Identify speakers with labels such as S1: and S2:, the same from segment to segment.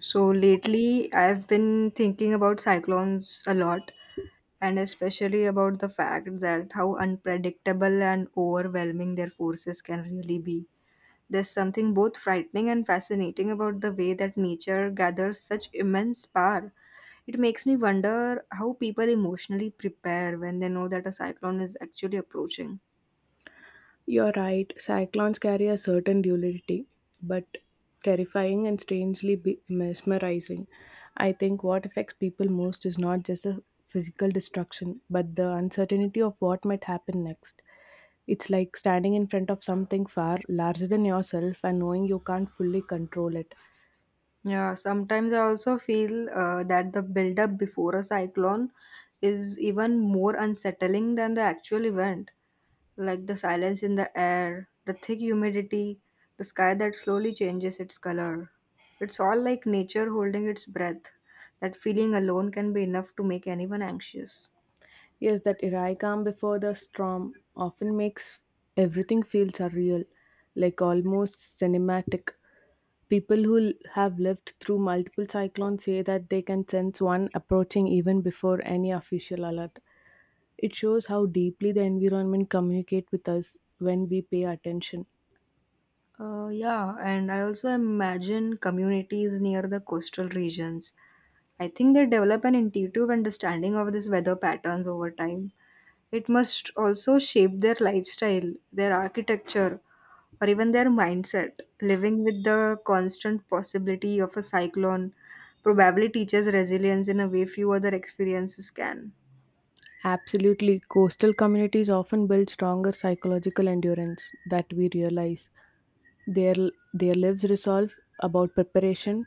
S1: So lately, I've been thinking about cyclones a lot, and especially about the fact that how unpredictable and overwhelming their forces can really be. There's something both frightening and fascinating about the way that nature gathers such immense power. It makes me wonder how people emotionally prepare when they know that a cyclone is actually approaching.
S2: You're right, cyclones carry a certain duality, but terrifying and strangely mesmerizing. I think what affects people most is not just the physical destruction, but the uncertainty of what might happen next. It's like standing in front of something far larger than yourself and knowing you can't fully control it.
S1: Yeah, sometimes I also feel that the build-up before a cyclone is even more unsettling than the actual event. Like the silence in the air, the thick humidity, the sky that slowly changes its color. It's all like nature holding its breath. That feeling alone can be enough to make anyone anxious.
S2: Yes, that Irai calm before the storm often makes everything feel surreal, like almost cinematic. People who have lived through multiple cyclones say that they can sense one approaching even before any official alert. It shows how deeply the environment communicates with us when we pay attention.
S1: Yeah, and I also imagine communities near the coastal regions. I think they develop an intuitive understanding of these weather patterns over time. It must also shape their lifestyle, their architecture, or even their mindset. Living with the constant possibility of a cyclone probably teaches resilience in a way few other experiences can.
S2: Absolutely, coastal communities often build stronger psychological endurance that we realize. Their their lives resolve about preparation,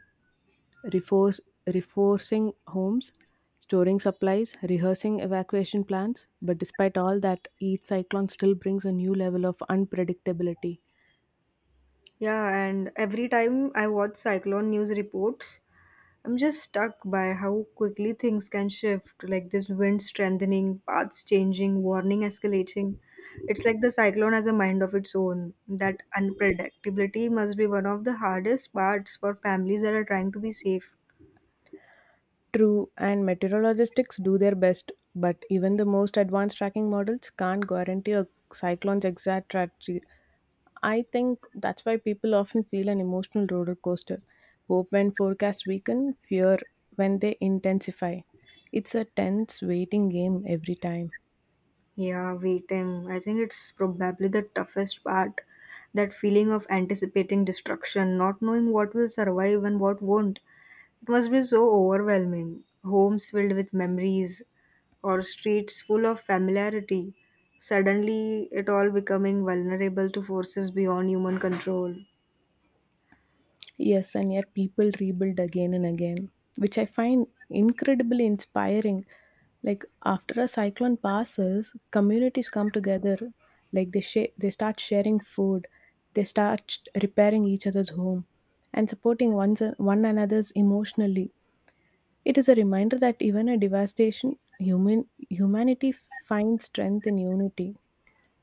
S2: reforce- reinforcing homes, storing supplies, rehearsing evacuation plans. But despite all that, each cyclone still brings a new level of unpredictability.
S1: Yeah, and every time I watch cyclone news reports, I'm just stuck by how quickly things can shift, like this wind strengthening, paths changing, warning escalating. It's like the cyclone has a mind of its own. That unpredictability must be one of the hardest parts for families that are trying to be safe.
S2: True, and meteorologists do their best, but even the most advanced tracking models can't guarantee a cyclone's exact trajectory. I think that's why people often feel an emotional roller coaster. Hope when forecasts weaken, fear when they intensify. It's a tense waiting game every time.
S1: Yeah, waiting. I think it's probably the toughest part. That feeling of anticipating destruction, not knowing what will survive and what won't. It must be so overwhelming. Homes filled with memories or streets full of familiarity. Suddenly, it all becoming vulnerable to forces beyond human control.
S2: Yes, and yet people rebuild again and again, which I find incredibly inspiring. Like after a cyclone passes, communities come together, like they start sharing food, repairing each other's home, and supporting one another's emotionally. It is a reminder that even a devastation, humanity finds strength in unity.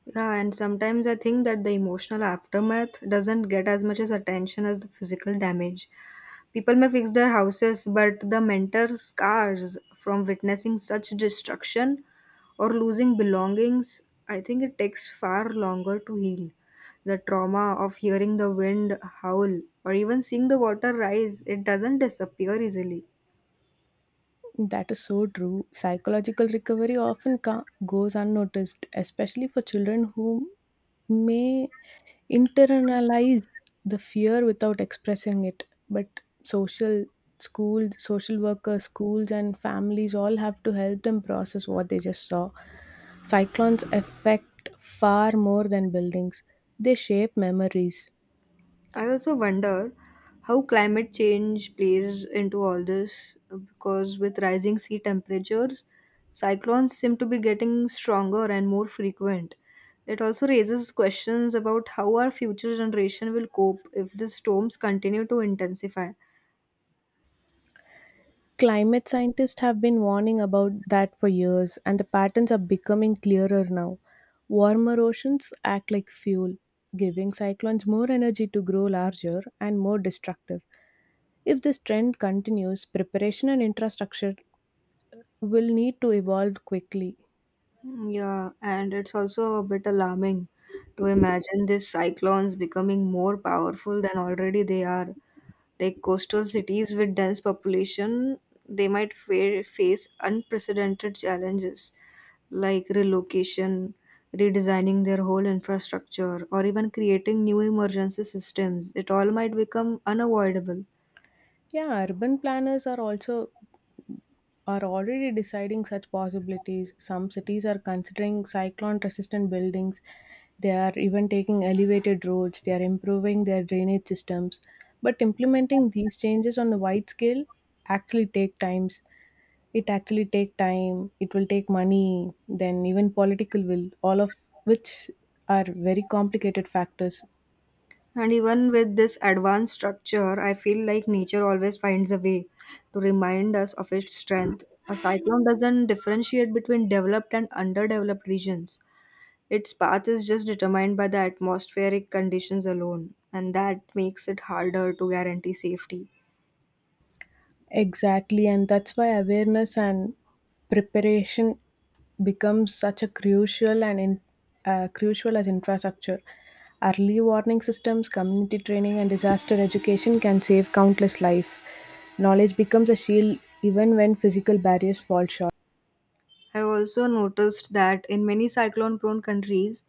S1: Yeah, and sometimes I think that the emotional aftermath doesn't get as much as attention as the physical damage. People may fix their houses, but the mental scars from witnessing such destruction or losing belongings, I think it takes far longer to heal. The trauma of hearing the wind howl or even seeing the water rise, it doesn't disappear easily.
S2: That is so true. Psychological recovery often goes unnoticed, especially for children who may internalize the fear without expressing it. But social schools, social workers, schools, and families all have to help them process what they just saw. Cyclones affect far more than buildings, they shape memories.
S1: I also wonder how climate change plays into all this because with rising sea temperatures, cyclones seem to be getting stronger and more frequent. It also raises questions about how our future generation will cope if these storms continue to intensify.
S2: Climate scientists have been warning about that for years, and the patterns are becoming clearer now. Warmer oceans act like fuel, giving cyclones more energy to grow larger and more destructive. If this trend continues, preparation and infrastructure will need to evolve quickly.
S1: Yeah, and it's also a bit alarming to imagine these cyclones becoming more powerful than already they are. Like coastal cities with dense population, they might face unprecedented challenges like relocation, redesigning their whole infrastructure, or even creating new emergency systems. It all might become unavoidable.
S2: Yeah, urban planners are already deciding such possibilities. Some cities are considering cyclone resistant buildings. They are even taking elevated roads. They are improving their drainage systems. But implementing these changes on the wide scale actually take times. It actually take time. It will take money. Then even political will. All of which are very complicated factors.
S1: And even with this advanced structure, I feel like nature always finds a way to remind us of its strength. A cyclone doesn't differentiate between developed and underdeveloped regions. Its path is just determined by the atmospheric conditions alone, and that makes it harder to guarantee safety.
S2: Exactly, and that's why awareness and preparation becomes such a crucial as infrastructure. Early warning systems, community training, and disaster education can save countless life. Knowledge becomes a shield even when physical barriers fall short.
S1: I've also noticed that in many cyclone prone countries,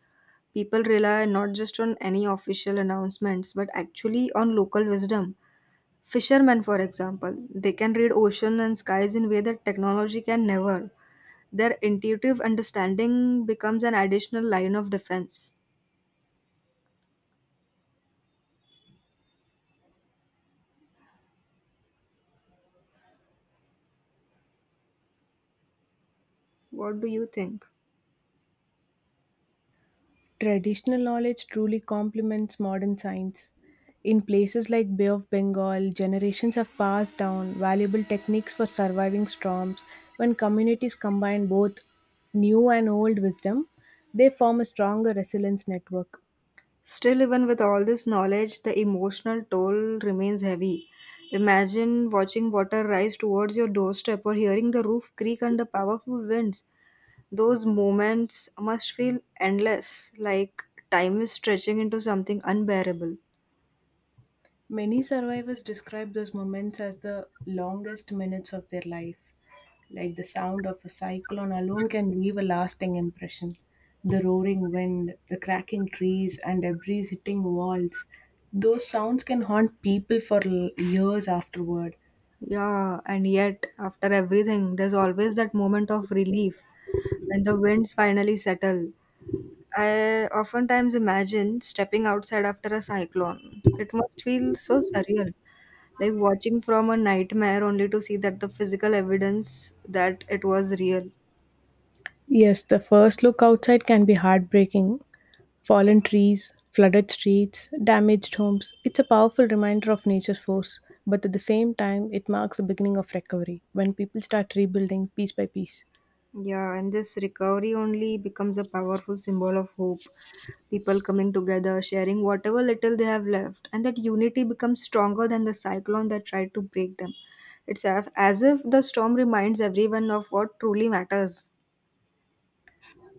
S1: people rely not just on any official announcements but actually on local wisdom. Fishermen, for example, they can read ocean and skies in a way that technology can never. Their intuitive understanding becomes an additional line of defense. What do you think?
S2: Traditional knowledge truly complements modern science. In places like Bay of Bengal, generations have passed down valuable techniques for surviving storms. When communities combine both new and old wisdom, they form a stronger resilience network.
S1: Still, even with all this knowledge, the emotional toll remains heavy. Imagine watching water rise towards your doorstep or hearing the roof creak under powerful winds. Those moments must feel endless, like time is stretching into something unbearable.
S2: Many survivors describe those moments as the longest minutes of their life. Like the sound of a cyclone alone can leave a lasting impression. The roaring wind, the cracking trees, and debris hitting walls. Those sounds can haunt people for years afterward.
S1: Yeah, and yet, after everything, there's always that moment of relief when the winds finally settle. I oftentimes imagine stepping outside after a cyclone. It must feel so surreal, like watching from a nightmare only to see that the physical evidence that it was real.
S2: Yes, the first look outside can be heartbreaking, fallen trees, flooded streets, damaged homes. It's a powerful reminder of nature's force, but at the same time, it marks the beginning of recovery when people start rebuilding piece by piece.
S1: Yeah, and this recovery only becomes a powerful symbol of hope. People coming together, sharing whatever little they have left, and that unity becomes stronger than the cyclone that tried to break them. It's as if the storm reminds everyone of what truly matters.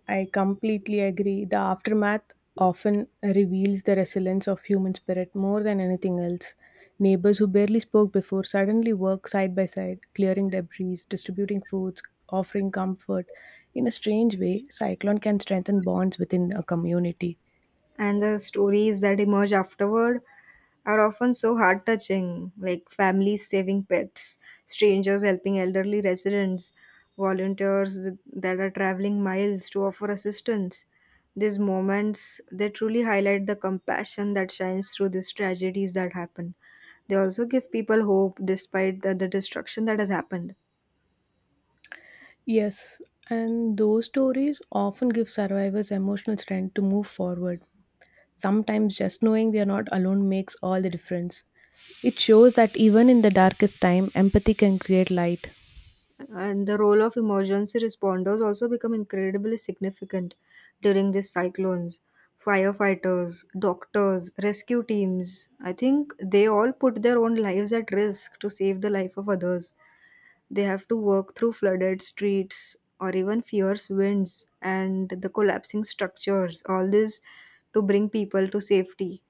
S2: I completely agree. The aftermath often reveals the resilience of human spirit more than anything else. Neighbors who barely spoke before suddenly work side by side, clearing debris, distributing foods, offering comfort. In a strange way, cyclone can strengthen bonds within a community.
S1: And the stories that emerge afterward are often so heart touching, like families saving pets, strangers helping elderly residents, that are traveling miles to offer assistance. These moments they truly highlight the compassion that shines through these tragedies that happen. They also give people hope despite the destruction that has happened.
S2: Yes, and those stories often give survivors emotional strength to move forward. Sometimes just knowing they are not alone makes all the difference. It shows that even in the darkest time, empathy can create light.
S1: And the role of emergency responders also become incredibly significant during these cyclones. Firefighters, doctors, rescue teams, I think they all put their own lives at risk to save the life of others. They have to work through flooded streets or even fierce winds and the collapsing structures, all this to bring people to safety.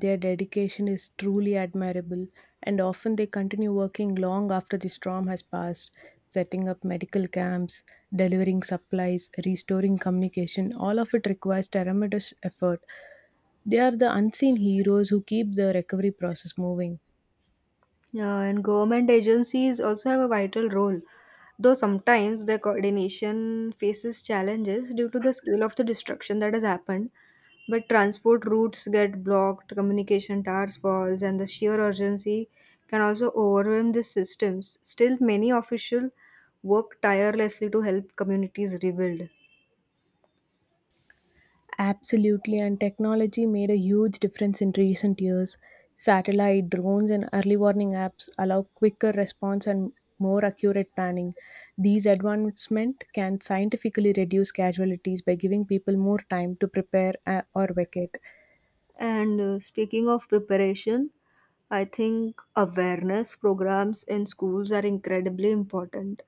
S2: Their dedication is truly admirable, and often they continue working long after the storm has passed, setting up medical camps, delivering supplies, restoring communication. All of it requires tremendous effort. They are the unseen heroes who keep the recovery process moving.
S1: Yeah, and government agencies also have a vital role, though sometimes their coordination faces challenges due to the scale of the destruction that has happened. But transport routes get blocked, communication towers falls, and the sheer urgency can also overwhelm these systems. Still, many officials work tirelessly to help communities rebuild.
S2: Absolutely, and technology made a huge difference in recent years. Satellite, drones, and early warning apps allow quicker response and more accurate planning. These advancements can scientifically reduce casualties by giving people more time to prepare or vacate.
S1: And Speaking of preparation, I think awareness programs in schools are incredibly important.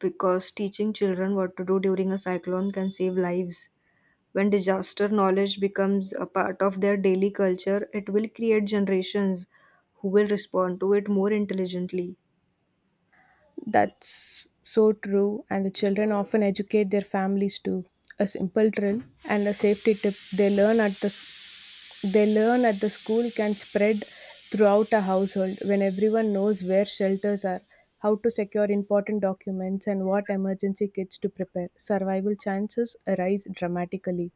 S1: Because teaching children what to do during a cyclone can save lives. When disaster knowledge becomes a part of their daily culture, it will create generations who will respond to it more intelligently.
S2: That's so true, and the children often educate their families too. A simple drill and a safety tip they learn at the school can spread throughout a household when everyone knows where shelters are, how to secure important documents, and what emergency kits to prepare. Survival chances rise dramatically.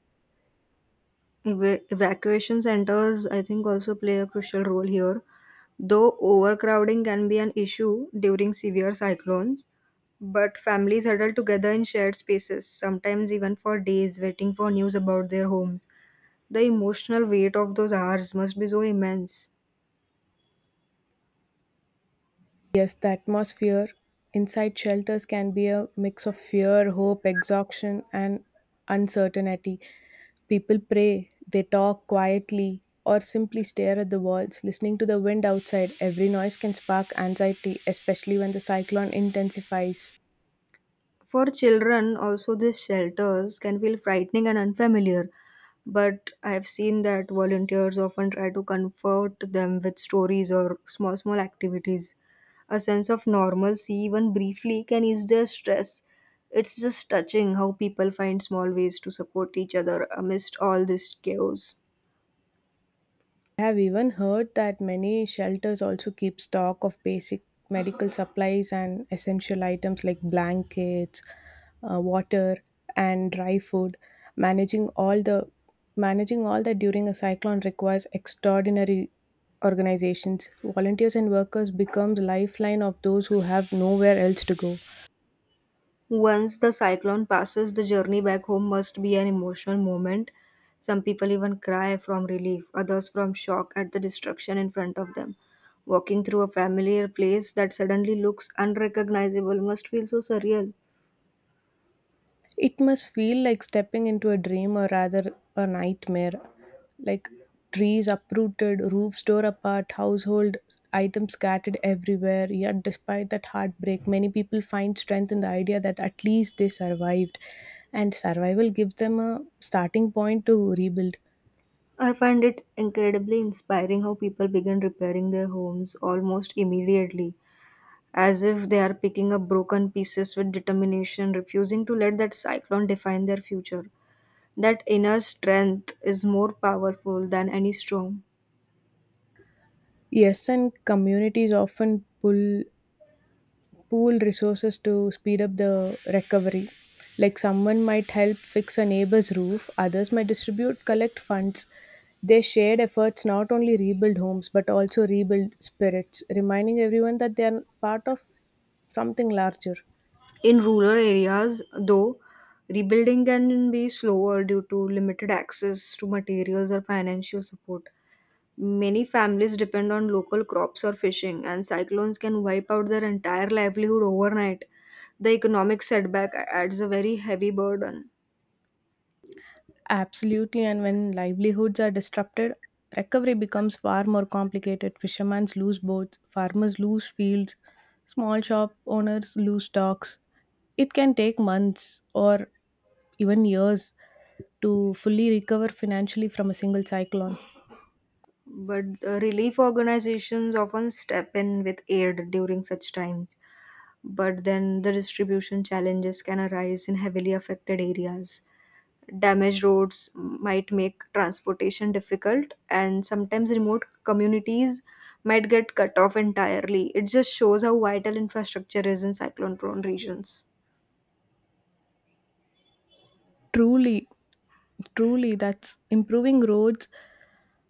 S1: Evacuation centers, I think, also play a crucial role here. Though overcrowding can be an issue during severe cyclones, but families huddle together in shared spaces, sometimes even for days, waiting for news about their homes. The emotional weight of those hours must be so immense.
S2: Yes, the atmosphere inside shelters can be a mix of fear, hope, exhaustion, and uncertainty. People pray, they talk quietly, or simply stare at the walls, listening to the wind outside. Every noise can spark anxiety, especially when the cyclone intensifies.
S1: For children, also these shelters can feel frightening and unfamiliar, but I've seen that volunteers often try to comfort them with stories or small, small activities. A sense of normalcy, even briefly, can ease their stress. It's just touching how people find small ways to support each other amidst all this chaos.
S2: I have even heard that many shelters also keep stock of basic medical supplies and essential items like blankets, water, and dry food. Managing all the Managing all that during a cyclone requires extraordinary organizations. Volunteers and workers become the lifeline of those who have nowhere else to go.
S1: Once the cyclone passes, the journey back home must be an emotional moment. Some people even cry from relief, others from shock at the destruction in front of them. Walking through a familiar place that suddenly looks unrecognizable must feel so surreal.
S2: It must feel like stepping into a dream or rather a nightmare. Like trees uprooted, roofs tore apart, household items scattered everywhere. Yet, despite that heartbreak, many people find strength in the idea that at least they survived. And survival gives them a starting point to rebuild.
S1: I find it incredibly inspiring how people begin repairing their homes almost immediately, as if they are picking up broken pieces with determination, refusing to let that cyclone define their future. That inner strength is more powerful than any storm.
S2: Yes, and communities often pull pool resources to speed up the recovery. Like someone might help fix a neighbor's roof, others might distribute collect funds. Their shared efforts not only rebuild homes but also rebuild spirits, reminding everyone that they are part of something larger.
S1: In rural areas, though, rebuilding can be slower due to limited access to materials or financial support. Many families depend on local crops or fishing, and cyclones can wipe out their entire livelihood overnight. The economic setback adds a very heavy burden.
S2: Absolutely, and when livelihoods are disrupted, recovery becomes far more complicated. Fishermen lose boats, farmers lose fields, small shop owners lose stocks. It can take months or even years to fully recover financially from a single cyclone.
S1: But Relief organizations often step in with aid during such times. But then the distribution challenges can arise in heavily affected areas. Damaged roads might make transportation difficult, and sometimes remote communities might get cut off entirely. It just shows how vital infrastructure is in cyclone prone regions.
S2: Truly, Truly, that's improving roads,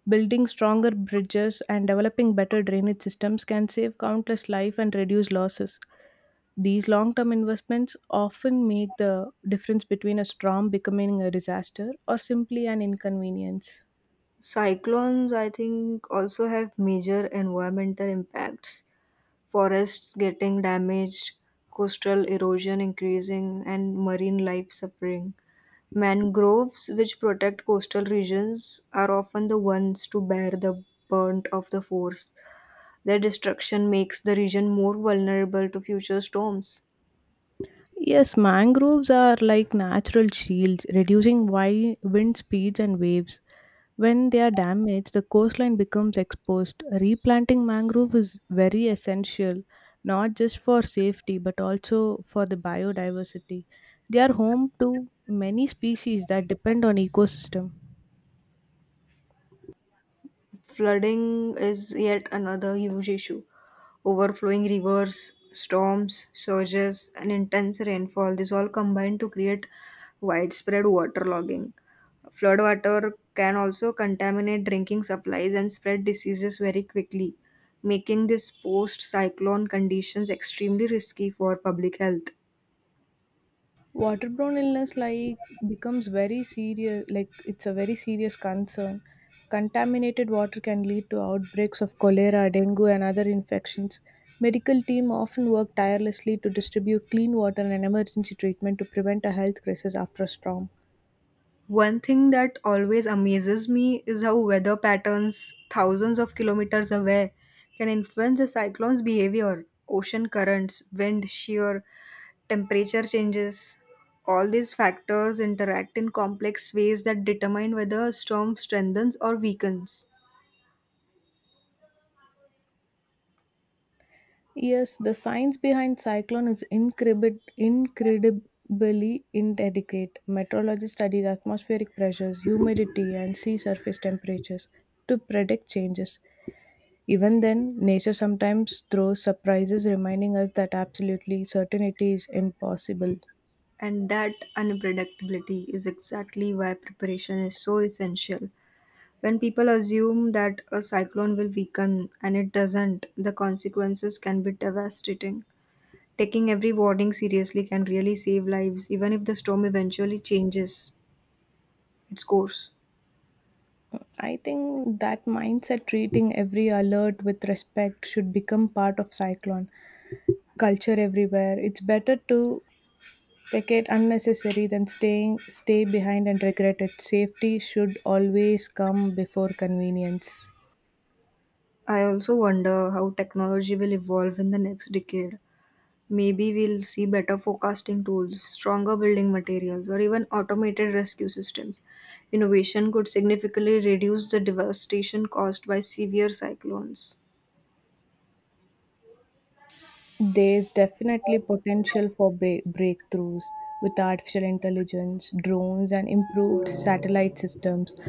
S2: building stronger bridges, and developing better drainage systems can save countless life and reduce losses. These long term investments often make the difference between a storm becoming a disaster or simply an inconvenience.
S1: Cyclones, I think, also have major environmental impacts. Forests getting damaged, coastal erosion increasing, and marine life suffering. Mangroves, which protect coastal regions, are often the ones to bear the brunt of the force. Their destruction makes the region more vulnerable to future storms.
S2: Yes, mangroves are like natural shields, reducing wind speeds and waves. When they are damaged, the coastline becomes exposed. Replanting mangrove is very essential, not just for safety but also for the biodiversity. They are home to many species that depend on ecosystem.
S1: Flooding is yet another huge issue. Overflowing rivers, storms, surges, and intense rainfall, these all combine to create widespread waterlogging. Flood water can also contaminate drinking supplies and spread diseases very quickly, making these post cyclone conditions extremely risky for public health.
S2: Waterborne illness like becomes very serious like it's a very serious concern. Contaminated water can lead to outbreaks of cholera, dengue, and other infections. Medical team often work tirelessly to distribute clean water and emergency treatment to prevent a health crisis after a storm.
S1: One thing that always amazes me is how weather patterns thousands of kilometers away can influence a cyclone's behavior. Ocean currents, wind shear, temperature changes, all these factors interact in complex ways that determine whether a storm strengthens or weakens.
S2: Yes, the science behind cyclone is incredibly inadequate. Meteorology studies atmospheric pressures, humidity, and sea surface temperatures to predict changes. Even then, nature sometimes throws surprises, reminding us that absolutely certainty is impossible.
S1: And that unpredictability is exactly why preparation is so essential. When people assume that a cyclone will weaken and it doesn't, the consequences can be devastating. Taking every warning seriously can really save lives, even if the storm eventually changes its course.
S2: I think that mindset treating every alert with respect should become part of cyclone culture everywhere. It's better to vacate unnecessary than stay behind and regret it. Safety should always come before convenience.
S1: I also wonder how technology will evolve in the next decade. Maybe we'll see better forecasting tools, stronger building materials, or even automated rescue systems. Innovation could significantly reduce the devastation caused by severe cyclones.
S2: There's definitely potential for breakthroughs with artificial intelligence, drones, and improved satellite systems.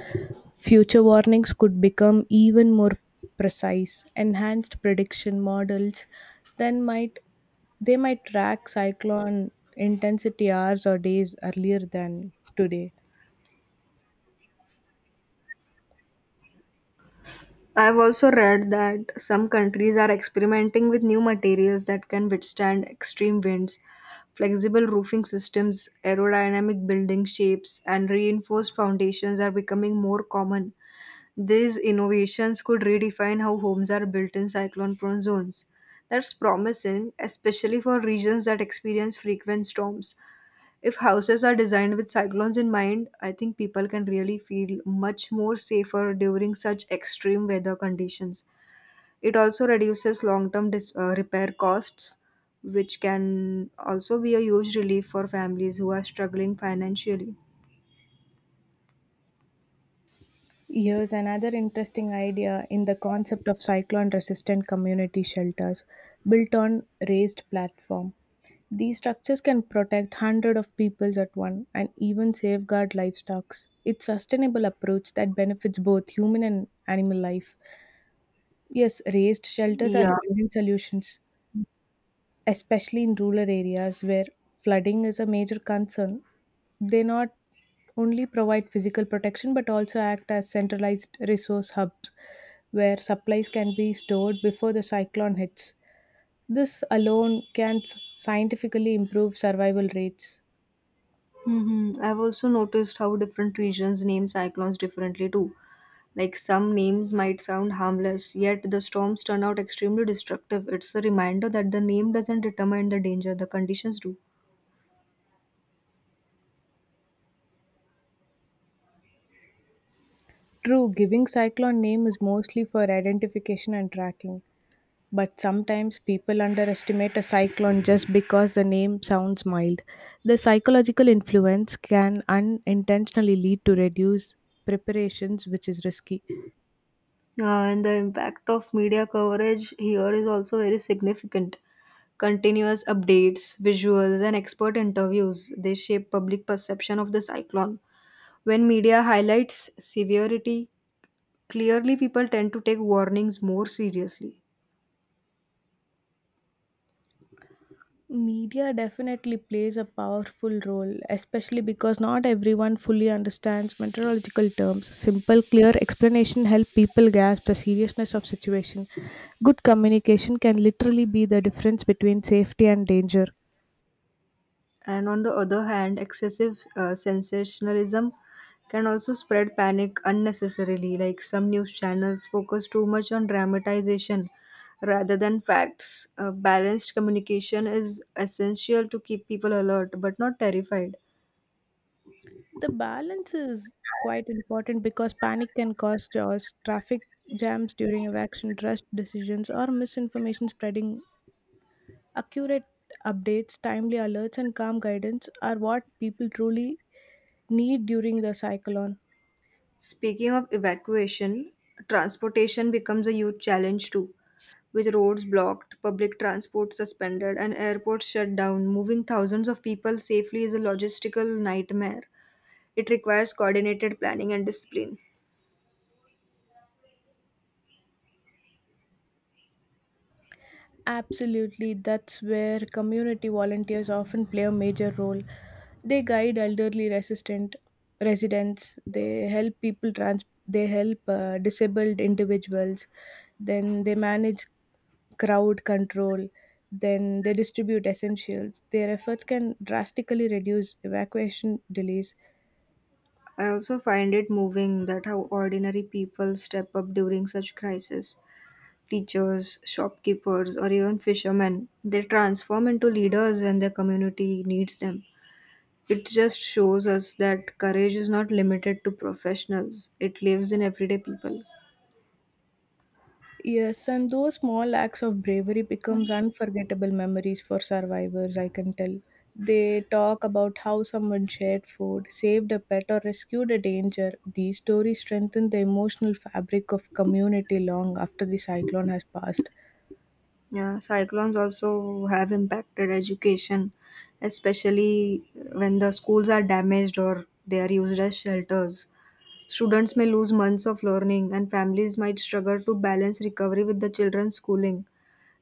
S2: Future warnings could become even more precise. Enhanced prediction models then might they might track cyclone intensity hours or days earlier than today.
S1: I've also read that some countries are experimenting with new materials that can withstand extreme winds, flexible roofing systems, aerodynamic building shapes, and reinforced foundations are becoming more common. These innovations could redefine how homes are built in cyclone prone zones. That's promising, especially for regions that experience frequent storms. If houses are designed with cyclones in mind, I think people can really feel much more safer during such extreme weather conditions. It also reduces long term repair costs, which can also be a huge relief for families who are struggling financially.
S2: Here's another interesting idea in the concept of cyclone resistant community shelters built on raised platform. These structures can protect hundreds of people at once and even safeguard livestock. It's sustainable approach that benefits both human and animal life. Yes, raised shelters are
S1: Yeah.
S2: brilliant solutions, especially in rural areas where flooding is a major concern. They not only provide physical protection but also act as centralized resource hubs where supplies can be stored before the cyclone hits. This alone can scientifically improve survival rates.
S1: Hmm, I've also noticed how different regions name cyclones differently too. Like some names might sound harmless, yet the storms turn out extremely destructive. It's a reminder that the name doesn't determine the danger, the conditions do.
S2: True, giving cyclone name is mostly for identification and tracking, but sometimes people underestimate a cyclone just because the name sounds mild. The psychological influence can unintentionally lead to reduced preparations, which is risky.
S1: Uh, and the impact of media coverage here is also very significant. Continuous updates, visuals, and expert interviews, they shape public perception of the cyclone. When media highlights severity, clearly people tend to take warnings more seriously.
S2: Media definitely plays a powerful role, especially because not everyone fully understands meteorological terms. Simple, clear explanation help people grasp the seriousness of situation. Good communication can literally be the difference between safety and danger.
S1: And on the other hand, excessive sensationalism can also spread panic unnecessarily, like some news channels focus too much on dramatization rather than facts. Balanced communication is essential to keep people alert but not terrified.
S2: The balance is quite important because panic can cause chaos, traffic jams during evacuation, rushed decisions, or misinformation spreading. Accurate updates, timely alerts, and calm guidance are what people truly need during the cyclone.
S1: Speaking of evacuation, transportation becomes a huge challenge too, with roads blocked, public transport suspended, and airports shut down. Moving thousands of people safely is a logistical nightmare. It requires coordinated planning and discipline.
S2: Absolutely, that's where community volunteers often play a major role. They guide elderly resistant residents. They help people trans. They help disabled individuals. Then they manage crowd control. Then they distribute essentials. Their efforts can drastically reduce evacuation delays.
S1: I also find it moving that how ordinary people step up during such crises. Teachers, shopkeepers, or even fishermen, they transform into leaders when their community needs them. It just shows us that courage is not limited to professionals, it lives in everyday people.
S2: Yes, and those small acts of bravery becomes unforgettable memories for survivors, I can tell. They talk about how someone shared food, saved a pet or rescued a danger. These stories strengthen the emotional fabric of community long after the cyclone has passed.
S1: Yeah, cyclones also have impacted education, especially when the schools are damaged or they are used as shelters. Students may lose months of learning, and families might struggle to balance recovery with the children's schooling.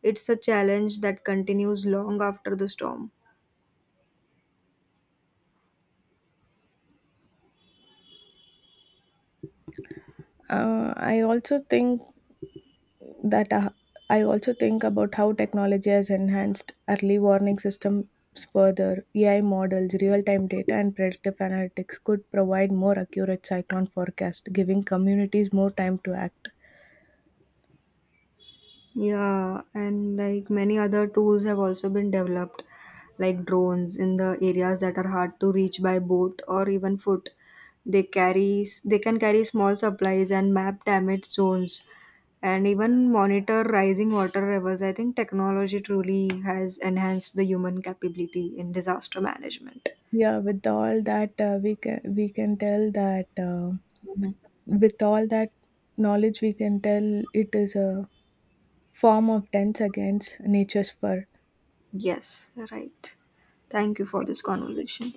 S1: It's a challenge that continues long after the storm.
S2: Uh, I also think that uh, I also think about how technology has enhanced early warning systems further. AI models, real time data, and predictive analytics could provide more accurate cyclone forecast, giving communities more time to act.
S1: Yeah, and like many other tools have also been developed, like drones in the areas that are hard to reach by boat or even foot. They can carry small supplies and map damage zones and even monitor rising water levels. I think technology truly has enhanced the human capability in disaster management.
S2: Yeah, with all that, we can tell that with all that knowledge, we can tell it is a form of dance against nature's fur.
S1: Yes, right. Thank you for this conversation.